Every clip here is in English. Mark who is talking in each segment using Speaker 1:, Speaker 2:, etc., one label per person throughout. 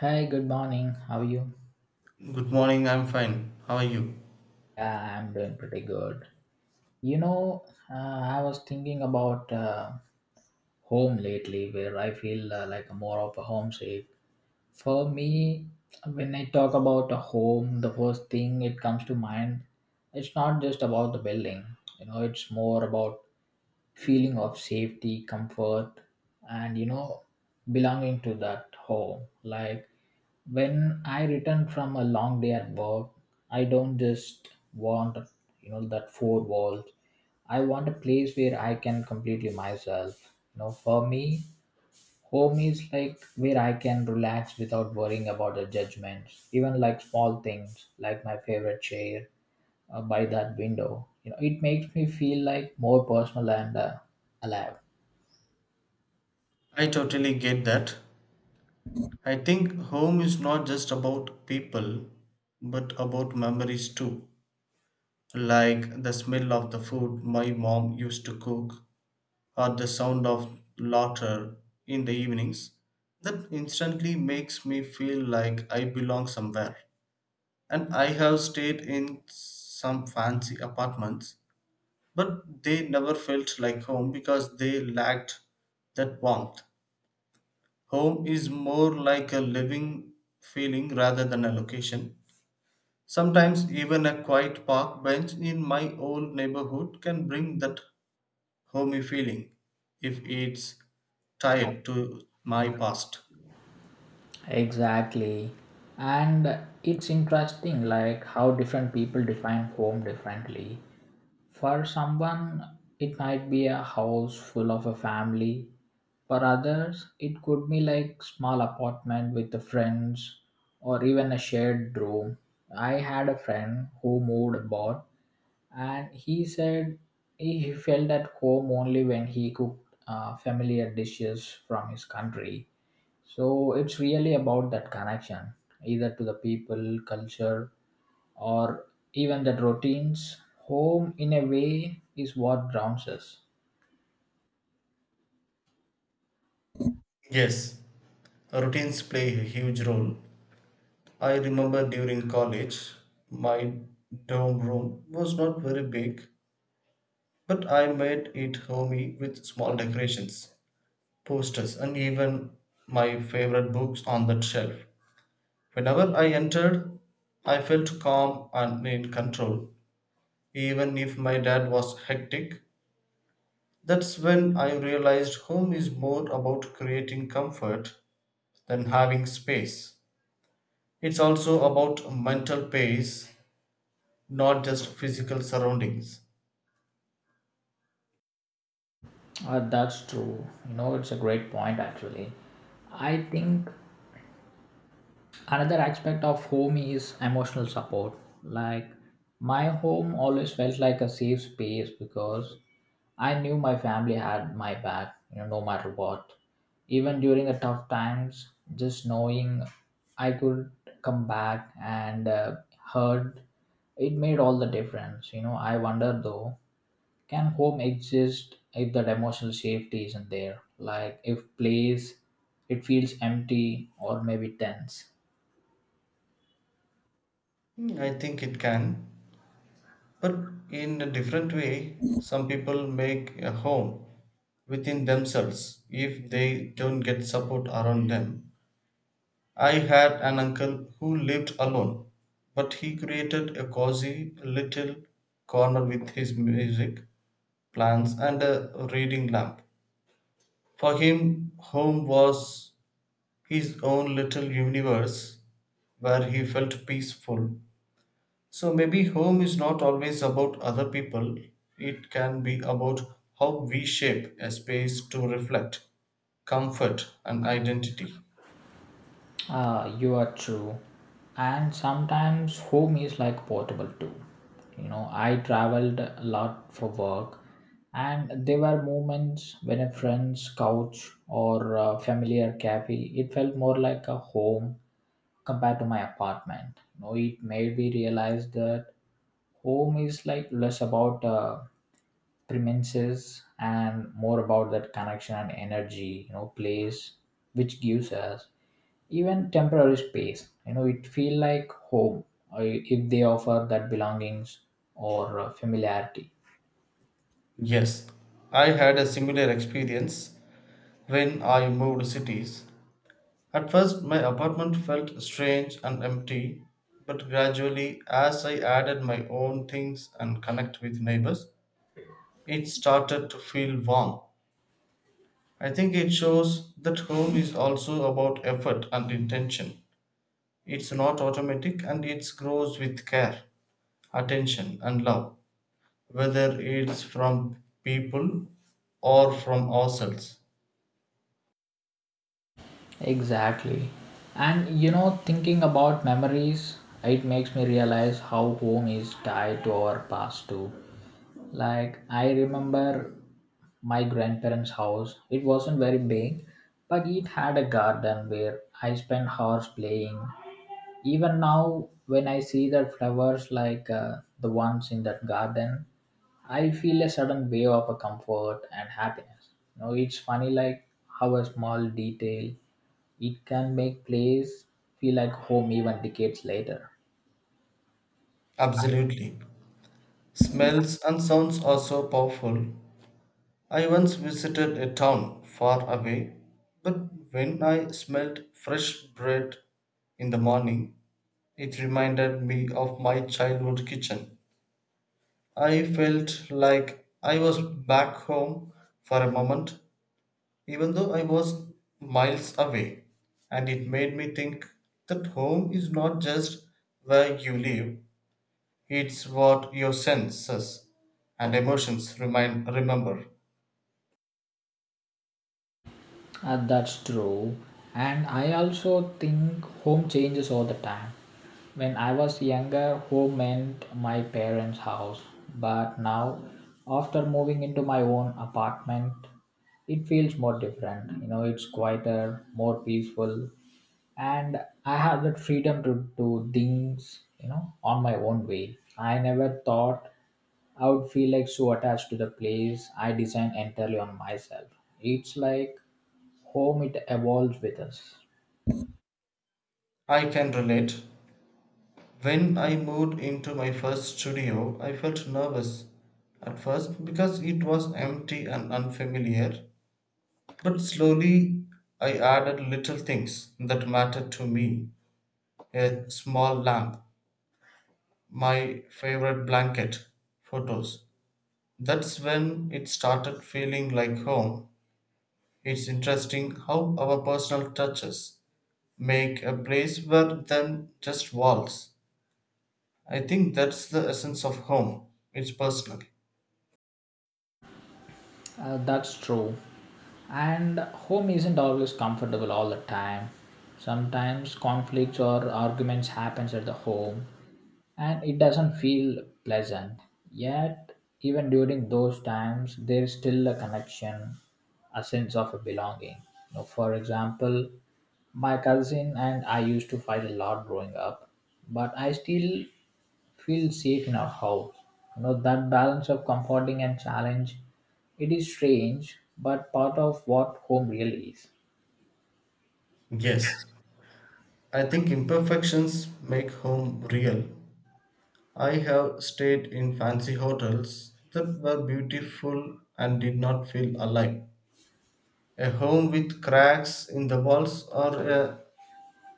Speaker 1: Hi, good morning. How are you?
Speaker 2: Good morning, I'm fine. How are you?
Speaker 1: Yeah, I'm doing pretty good. You know, I was thinking about home lately, where I feel like more of a homesick. For me, when I talk about a home, the first thing it comes to mind, it's not just about the building. You know, it's more about feeling of safety, comfort, and you know, belonging to that home. Like when I return from a long day at work, I don't just want you know that four walls. I want a place where I can completely myself. You know, for me, home is like where I can relax without worrying about the judgments, even like small things like my favorite chair by that window. You know, it makes me feel like more personal and alive.
Speaker 2: I totally get that. I think home is not just about people, but about memories too. Like the smell of the food my mom used to cook, or the sound of laughter in the evenings. That instantly makes me feel like I belong somewhere. And I have stayed in some fancy apartments, but they never felt like home because they lacked that warmth. Home is more like a living feeling rather than a location. Sometimes, even a quiet park bench in my old neighborhood can bring that homey feeling if it's tied to my past.
Speaker 1: Exactly. And it's interesting like how different people define home differently. For someone it might be a house full of a family. For others it could be like small apartment with the friends or even a shared room. I had a friend who moved abroad and he said he felt at home only when he cooked familiar dishes from his country, so it's really about that connection, either to the people, culture, or even that routines. Home, in a way, is what grounds us.
Speaker 2: Yes, routines play a huge role. I remember during college, my dorm room was not very big, but I made it homey with small decorations, posters, and even my favorite books on that shelf. Whenever I entered, I felt calm and in control, even if my dad was hectic. That's when I realized home is more about creating comfort than having space. It's also about mental pace, not just physical surroundings.
Speaker 1: That's true. You know, it's a great point, actually. I think another aspect of home is emotional support, like my home always felt like a safe space because I knew my family had my back, you know, no matter what. Even during the tough times, just knowing I could come back and heard, it made all the difference. You know, I wonder though, can home exist if that emotional safety isn't there, like if place it feels empty or maybe tense?
Speaker 2: Hmm, I think it can, but in a different way. Some people make a home within themselves if they don't get support around them. I had an uncle who lived alone, but he created a cozy little corner with his music, plants, and a reading lamp. For him, home was his own little universe where he felt peaceful. So maybe home is not always about other people, it can be about how we shape a space to reflect comfort and identity.
Speaker 1: Ah, you are true. And sometimes home is like portable too. You know, I traveled a lot for work, and there were moments when a friend's couch or a familiar cafe, it felt more like a home compared to my apartment. You know, it made me realize that home is like less about premises and more about that connection and energy. You know, place which gives us even temporary space, you know, it feel like home if they offer that belongings or familiarity.
Speaker 2: Yes, I had a similar experience. When I moved cities, at first my apartment felt strange and empty, but gradually, as I added my own things and connect with neighbors, it started to feel warm. I think it shows that home is also about effort and intention. It's not automatic and it grows with care, attention, and love, whether it's from people or from ourselves.
Speaker 1: Exactly. And you know, thinking about memories, it makes me realize how home is tied to our past too. Like, I remember my grandparents' house. It wasn't very big, but it had a garden where I spent hours playing. Even now when I see the flowers, like the ones in that garden, I feel a sudden wave of a comfort and happiness. You know, it's funny, like how a small detail, it can make place feel like home even decades later.
Speaker 2: Absolutely. Smells and sounds are so powerful. I once visited a town far away, but when I smelled fresh bread in the morning, it reminded me of my childhood kitchen. I felt like I was back home for a moment, even though I was miles away, and it made me think that home is not just where you live, it's what your senses and emotions remind, remember.
Speaker 1: That's true. And I also think home changes all the time. When I was younger, home meant my parents' house. But now, after moving into my own apartment, it feels more different. You know, it's quieter, more peaceful, and I have that freedom to do things, you know, on my own way. I never thought I would feel like so attached to the place I design entirely on myself. It's like home it evolves with us.
Speaker 2: I can relate. When I moved into my first studio, I felt nervous at first because it was empty and unfamiliar. But slowly, I added little things that mattered to me, a small lamp, my favorite blanket, photos. That's when it started feeling like home. It's interesting how our personal touches make a place rather than just walls. I think that's the essence of home. It's personal.
Speaker 1: That's true, and home isn't always comfortable all the time. Sometimes conflicts or arguments happens at the home, and it doesn't feel pleasant. Yet even during those times there's still a connection, a sense of a belonging. You know, for example, my cousin and I used to fight a lot growing up, but I still feel safe in our house. You know, that balance of comforting and challenge, it is strange, but part of what home really is.
Speaker 2: Yes, I think imperfections make home real. I have stayed in fancy hotels that were beautiful and did not feel alive. A home with cracks in the walls or a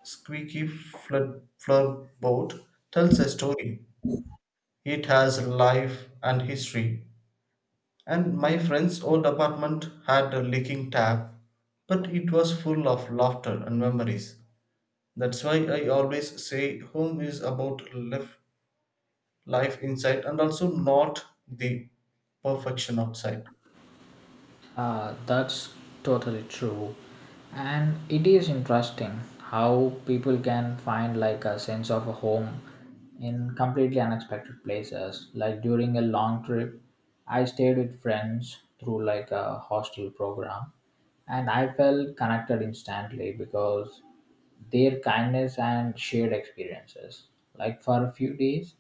Speaker 2: squeaky flood floorboard tells a story. It has life and history. And my friend's old apartment had a leaking tap, but it was full of laughter and memories. That's why I always say home is about live life inside and also not the perfection outside.
Speaker 1: That's totally true. And it is interesting how people can find like a sense of a home in completely unexpected places. Like during a long trip, I stayed with friends through like a hostel program, and I felt connected instantly because their kindness and shared experiences. Like for a few days,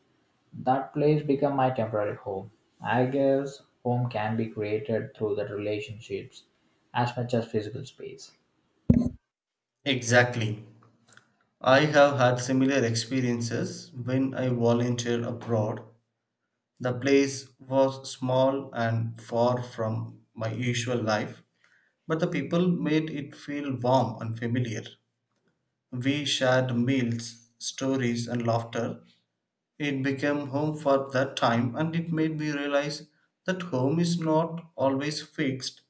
Speaker 1: that place became my temporary home. I guess home can be created through the relationships as much as physical space.
Speaker 2: Exactly. I have had similar experiences when I volunteered abroad. The place was small and far from my usual life, but the people made it feel warm and familiar. We shared meals, stories, and laughter. It became home for that time, and it made me realize that home is not always fixed,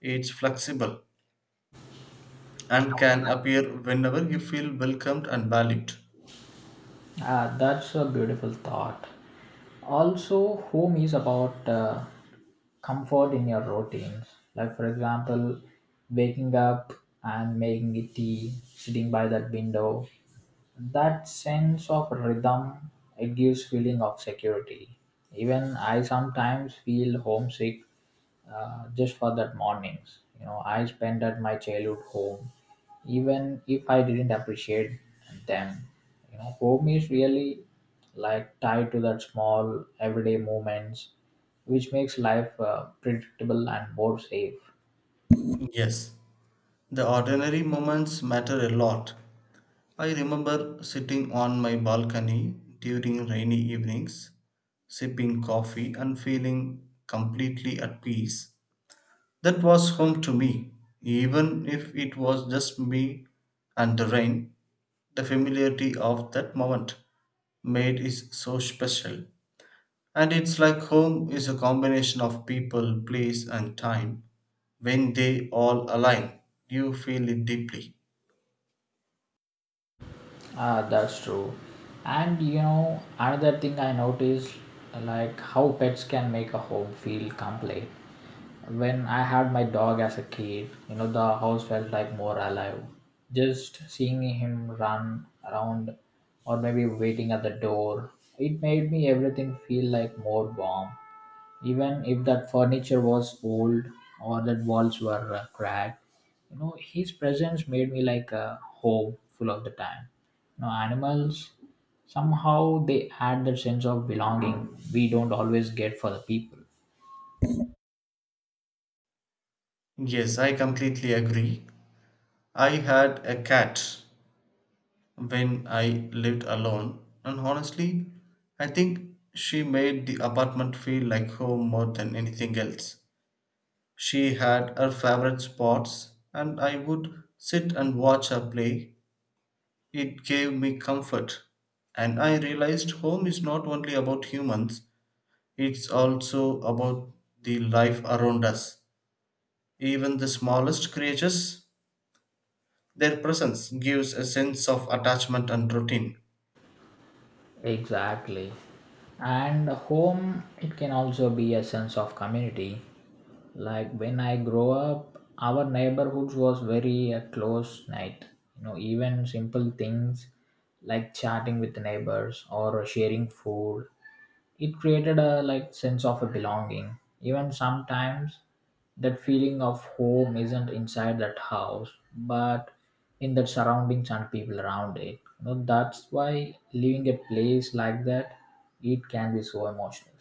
Speaker 2: it's flexible and can appear whenever you feel welcomed and valued.
Speaker 1: Ah, that's a beautiful thought. Also, home is about comfort in your routines. Like, for example, waking up and making it tea, sitting by that window. That sense of rhythm, it gives feeling of security. Even I sometimes feel homesick just for that mornings, you know, I spent at my childhood home, even if I didn't appreciate them. You know, home is really like tied to that small everyday moments which makes life predictable and more safe.
Speaker 2: Yes, the ordinary moments matter a lot. I remember sitting on my balcony during rainy evenings, sipping coffee and feeling completely at peace. That was home to me, even if it was just me and the rain. The familiarity of that moment made it so special. And it's like home is a combination of people, place, and time. When they all align, you feel it deeply.
Speaker 1: Ah, that's true. And you know, another thing I noticed, like how pets can make a home feel complete. When I had my dog as a kid, you know, the house felt like more alive. Just seeing him run around or maybe waiting at the door, it made me everything feel like more warm. Even if that furniture was old or that walls were cracked, you know, his presence made me like a home full of the time. You know, animals somehow they add that sense of belonging we don't always get for the people.
Speaker 2: Yes, I completely agree. I had a cat when I lived alone, and honestly, I think she made the apartment feel like home more than anything else. She had her favorite spots, and I would sit and watch her play. It gave me comfort, and I realized home is not only about humans, it's also about the life around us. Even the smallest creatures, their presence gives a sense of attachment and routine.
Speaker 1: Exactly. And home, it can also be a sense of community. Like when I grow up, our neighborhood was very close knit. You know, even simple things like chatting with the neighbors or sharing food, it created a like sense of a belonging. Even sometimes that feeling of home isn't inside that house but in the surroundings and people around it. You know, that's why leaving a place like that, it can be so emotional.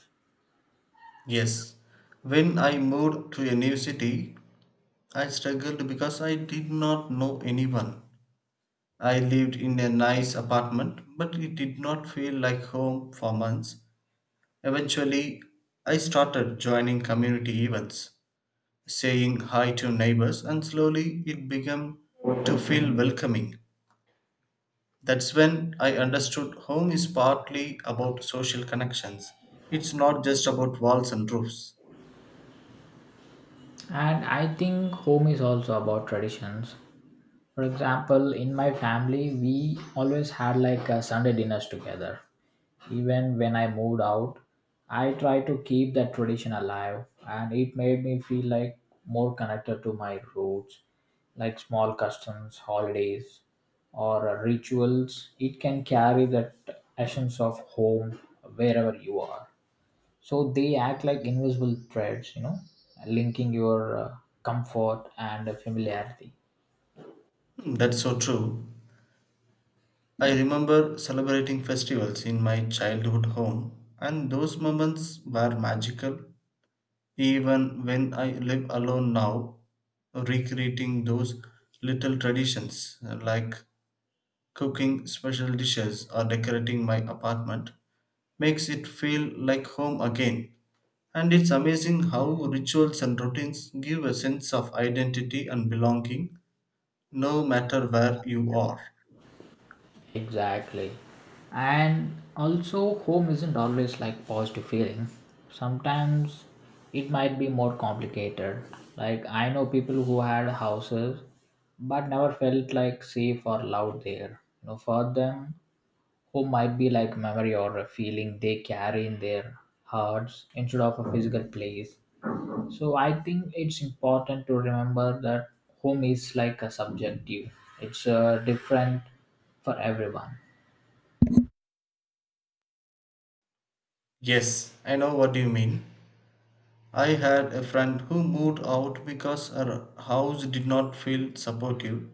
Speaker 2: Yes, when I moved to a new city, I struggled because I did not know anyone. I lived in a nice apartment, but it did not feel like home for months. Eventually, I started joining community events, saying hi to neighbors, and slowly it began to feel welcoming. That's when I understood home is partly about social connections. It's not just about walls and roofs.
Speaker 1: And I think home is also about traditions. For example, in my family we always had like a Sunday dinners together. Even when I moved out, I tried to keep that tradition alive, and it made me feel like more connected to my roots, like small customs, holidays, or rituals. It can carry that essence of home wherever you are. So they act like invisible threads, you know, linking your comfort and familiarity.
Speaker 2: Hmm, that's so true. I remember celebrating festivals in my childhood home, and those moments were magical. Even when I live alone now, recreating those little traditions, like cooking special dishes or decorating my apartment, makes it feel like home again. And it's amazing how rituals and routines give a sense of identity and belonging no matter where you are.
Speaker 1: Exactly. And also, home isn't always like positive feeling. Sometimes it might be more complicated. Like, I know people who had houses but never felt like safe or loved there. You know, for them, home might be like memory or a feeling they carry in their hearts instead of a physical place. So, I think it's important to remember that home is like a subjective, it's different for everyone.
Speaker 2: Yes, I know what you mean. I had a friend who moved out because her house did not feel supportive.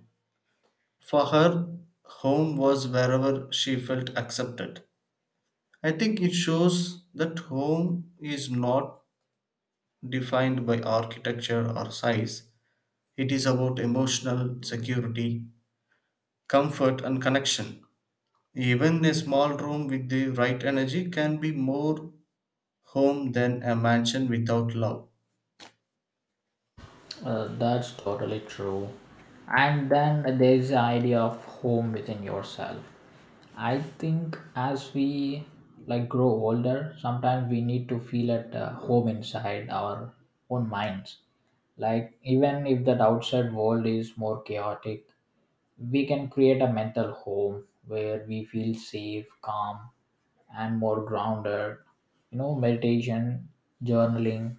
Speaker 2: For her, home was wherever she felt accepted. I think it shows that home is not defined by architecture or size. It is about emotional security, comfort, and connection. Even a small room with the right energy can be more home than a mansion without love.
Speaker 1: That's totally true. And then there's the idea of home within yourself. I think as we like grow older, sometimes we need to feel at home inside our own minds. Like even if that outside world is more chaotic, we can create a mental home where we feel safe, calm, and more grounded. You know, meditation, journaling,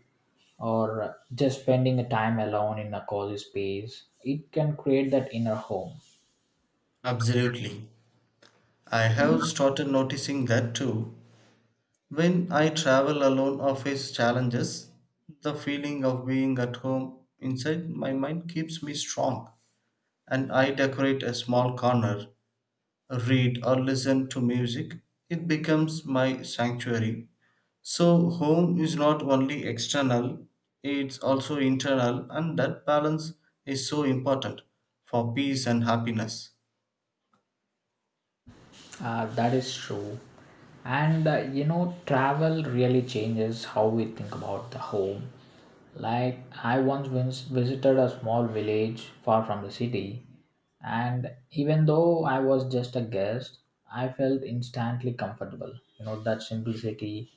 Speaker 1: or just spending a time alone in a cozy space. It can create that inner home.
Speaker 2: Absolutely. I have started noticing that too. When I travel alone or face challenges, the feeling of being at home inside my mind keeps me strong. And I decorate a small corner, read, or listen to music, it becomes my sanctuary. So, home is not only external, it's also internal, and that balance is so important for peace and happiness.
Speaker 1: That is true. And you know, travel really changes how we think about the home. Like, I once visited a small village far from the city, and even though I was just a guest, I felt instantly comfortable. You know, that simplicity,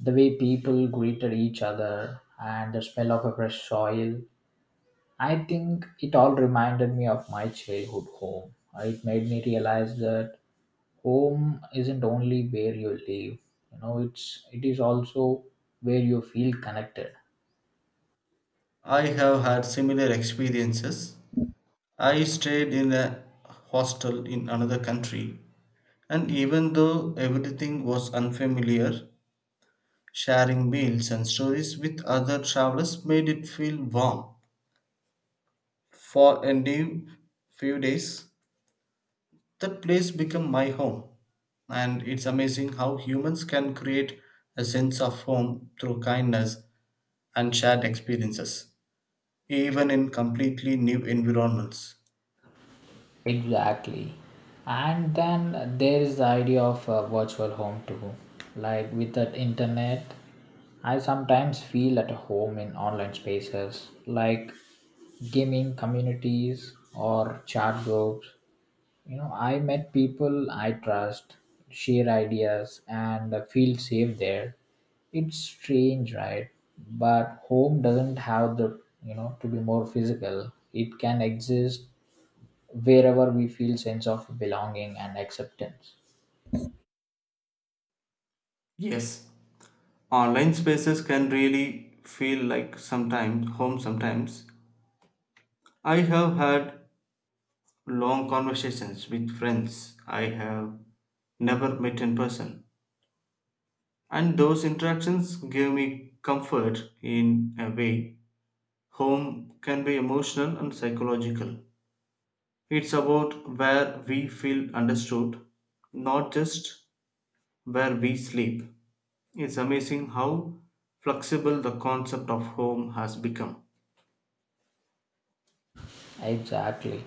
Speaker 1: the way people greeted each other, and the smell of a fresh soil. I think it all reminded me of my childhood home. It made me realize that home isn't only where you live. You know, it is also where you feel connected.
Speaker 2: I have had similar experiences. I stayed in a hostel in another country, and even though everything was unfamiliar, sharing meals and stories with other travelers made it feel warm. For a new few days, that place became my home. And it's amazing how humans can create a sense of home through kindness and shared experiences, even in completely new environments.
Speaker 1: Exactly. And then there is the idea of a virtual home too. Like with that internet, I sometimes feel at home in online spaces like gaming communities or chat groups. You know, I met people I trust, share ideas and feel safe there. It's strange, right? But home doesn't have the, you know, to be more physical. It can exist wherever we feel sense of belonging and acceptance.
Speaker 2: Yes, online spaces can really feel like sometimes home sometimes. I have had long conversations with friends I have never met in person, and those interactions give me comfort in a way. Home can be emotional and psychological. It's about where we feel understood, not just where we sleep. It's amazing how flexible the concept of home has become.
Speaker 1: Exactly.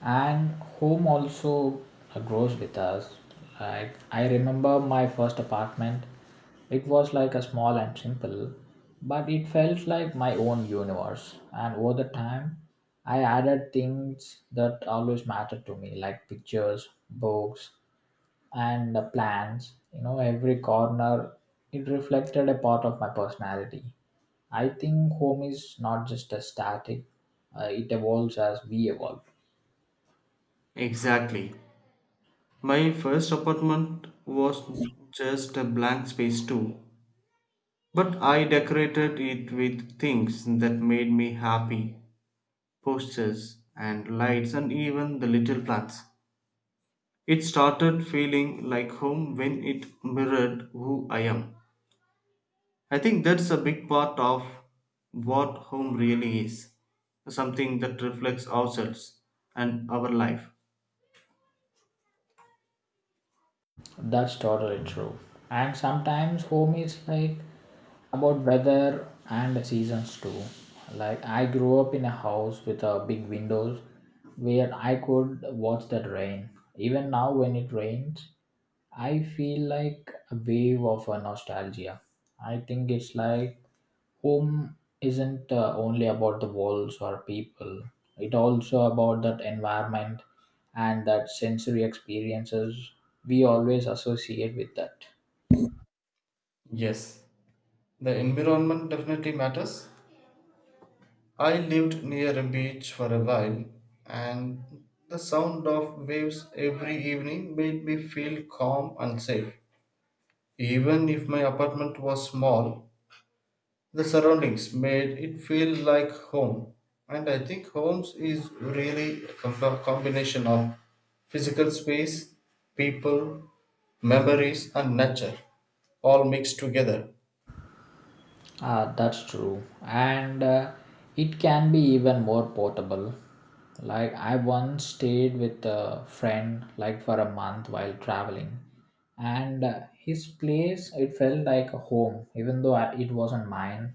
Speaker 1: And home also grows with us. Like I remember my first apartment. It was like a small and simple, but it felt like my own universe. And over the time, I added things that always mattered to me, like pictures, books, and the plans. You know, every corner, it reflected a part of my personality. I think home is not just a static, it evolves as we evolve.
Speaker 2: Exactly. My first apartment was just a blank space, too. But I decorated it with things that made me happy, postures and lights and even the little plants. It started feeling like home when it mirrored who I am. I think that's a big part of what home really is, something that reflects ourselves and our life.
Speaker 1: That's totally true. And sometimes home is like about weather and the seasons too. Like I grew up in a house with a big windows where I could watch the rain. Even now when it rains, I feel like a wave of a nostalgia. I think it's like home isn't only about the walls or people, it also about that environment and that sensory experiences we always associate with that.
Speaker 2: Yes, the environment definitely matters. I lived near a beach for a while, and the sound of waves every evening made me feel calm and safe. Even if my apartment was small, the surroundings made it feel like home. And I think homes is really a combination of physical space, people, memories, and nature, all mixed together.
Speaker 1: Ah, that's true. And it can be even more portable. Like, I once stayed with a friend, like, for a month while traveling. And his place, it felt like a home, even though I, it wasn't mine.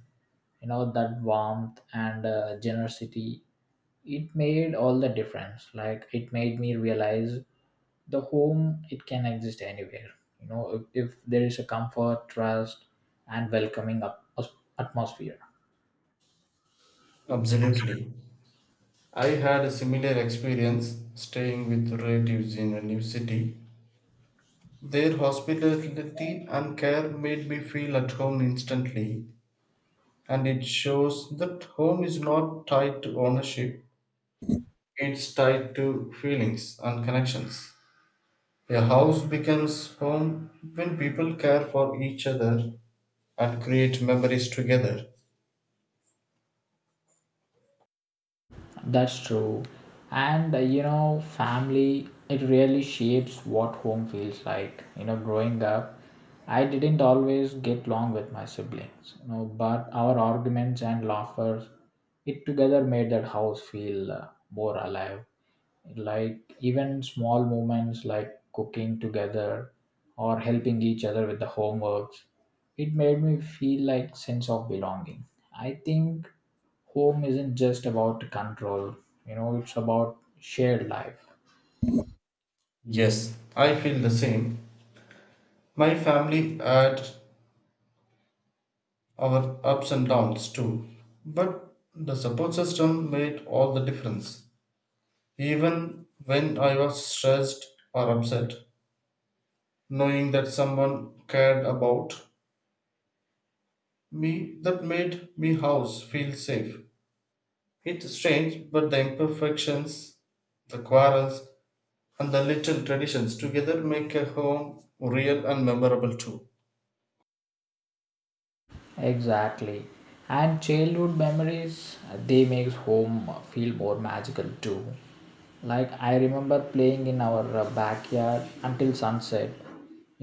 Speaker 1: You know, that warmth and generosity, it made all the difference. Like, it made me realize the home it can exist anywhere. You know, if there is a comfort trust and welcoming up, atmosphere.
Speaker 2: Absolutely. I had a similar experience staying with relatives in a new city. Their hospitality and care made me feel at home instantly, and it shows that home is not tied to ownership, it's tied to feelings and connections. A house becomes home when people care for each other and create memories together.
Speaker 1: That's true. And you know, family, it really shapes what home feels like. You know, growing up, I didn't always get along with my siblings, you know, but our arguments and laughter, it together made that house feel more alive. Like even small moments like cooking together or helping each other with the homeworks, it made me feel like sense of belonging. I think home isn't just about control, you know, it's about shared life.
Speaker 2: Yes, I feel the same. My family had our ups and downs too, but the support system made all the difference. Even when I was stressed or upset, knowing that someone cared about me, that made me house feel safe. It's strange, but the imperfections, the quarrels, and the little traditions together make a home real and memorable too.
Speaker 1: Exactly. And childhood memories they makes home feel more magical too. Like I remember playing in our backyard until sunset.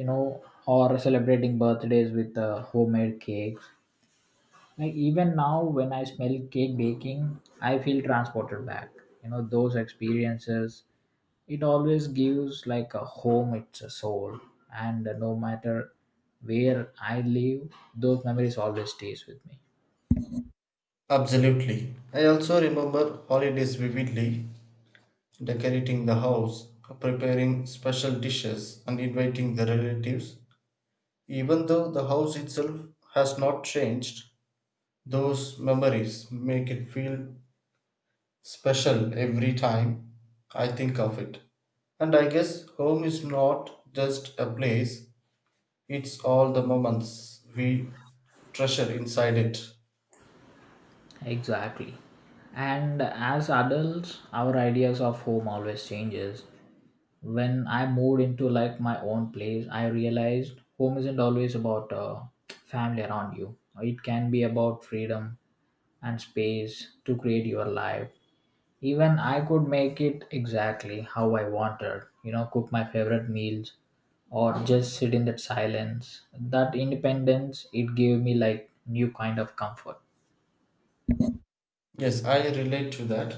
Speaker 1: You know, or celebrating birthdays with homemade cakes. Like even now when I smell cake baking, I feel transported back. You know, those experiences, it always gives like a home it's a soul. And no matter where I live, those memories always stays with me.
Speaker 2: Absolutely. I also remember holidays vividly, decorating the house, preparing special dishes, and inviting the relatives. Even though the house itself has not changed, those memories make it feel special every time I think of it. And I guess home is not just a place, it's all the moments we treasure inside it.
Speaker 1: Exactly. And as adults our ideas of home always changes. When I moved into like my own place, I realized home isn't always about family around you. It can be about freedom and space to create your life. Even I could make it exactly how I wanted. You know, cook my favorite meals or just sit in that silence. That independence, it gave me like new kind of comfort.
Speaker 2: Yes, I relate to that.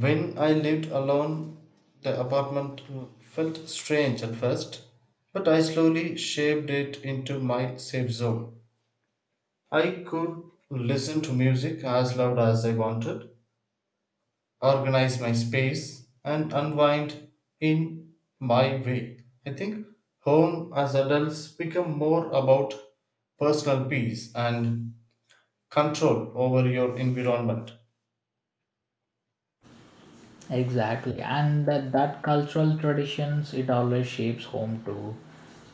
Speaker 2: When I lived alone, the apartment felt strange at first, but I slowly shaped it into my safe zone. I could listen to music as loud as I wanted, organize my space and unwind in my way. I think home as adults become more about personal peace and control over your environment.
Speaker 1: Exactly, and that cultural traditions it always shapes home too.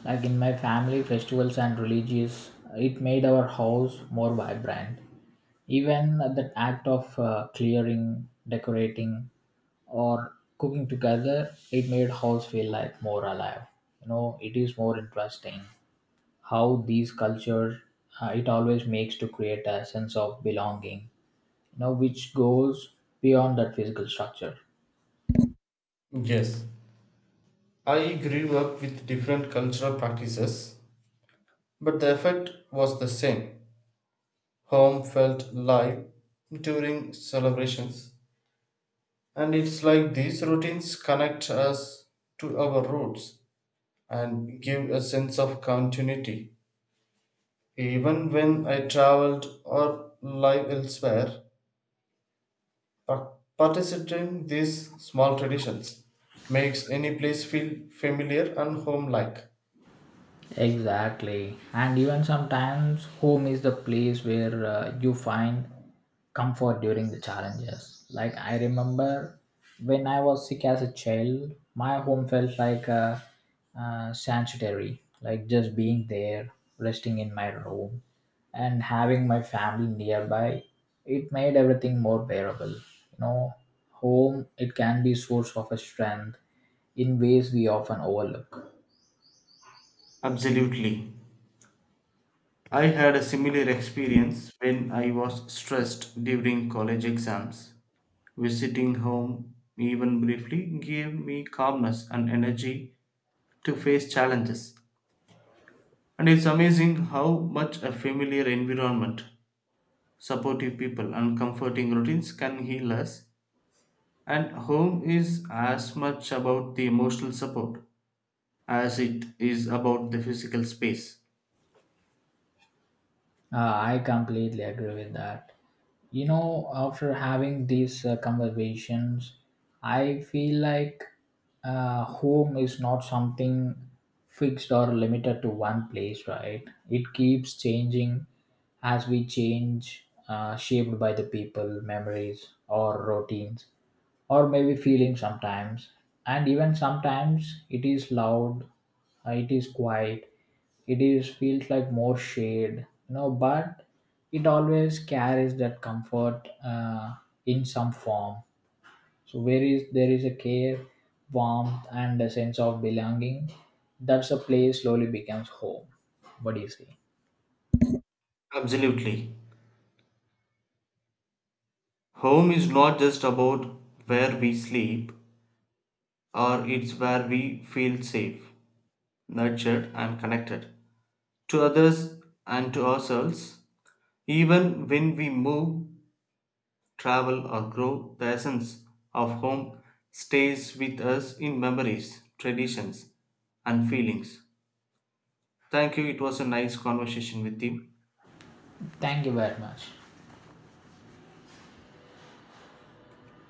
Speaker 1: Like in my family, festivals and religious, it made our house more vibrant. Even the act of clearing, decorating, or cooking together, it made house feel like more alive. You know, it is more interesting how these culture it always makes to create a sense of belonging. You know, which goes beyond that physical structure.
Speaker 2: Yes, I grew up with different cultural practices, but the effect was the same. Home felt live during celebrations, and it's like these routines connect us to our roots and give a sense of continuity. Even when I traveled or live elsewhere, participating in these small traditions makes any place feel familiar and home-like.
Speaker 1: Exactly. And even sometimes, home is the place where you find comfort during the challenges. Like, I remember when I was sick as a child, my home felt like a, sanctuary, like just being there, resting in my room, and having my family nearby. It made everything more bearable. You know, home, it can be source of a strength in ways we often overlook.
Speaker 2: Absolutely. I had a similar experience when I was stressed during college exams. Visiting home, even briefly, gave me calmness and energy to face challenges. And it's amazing how much a familiar environment, supportive people, and comforting routines can heal us, and home is as much about the emotional support as it is about the physical space.
Speaker 1: I completely agree with that. You know, after having these conversations, I feel like home is not something fixed or limited to one place, right? It keeps changing as we change, shaped by the people, memories, or routines, or maybe feeling sometimes. And even sometimes it is loud, it is quiet, it is feels like more shade. You know, but it always carries that comfort in some form. So where is there is a care, warmth and a sense of belonging, that's a place slowly becomes home. What do you say?
Speaker 2: Absolutely. Home is not just about where we sleep, or it's where we feel safe, nurtured, and connected to others and to ourselves. Even when we move, travel, or grow, the essence of home stays with us in memories, traditions, and feelings. Thank you. It was a nice conversation with you.
Speaker 1: Thank you very much.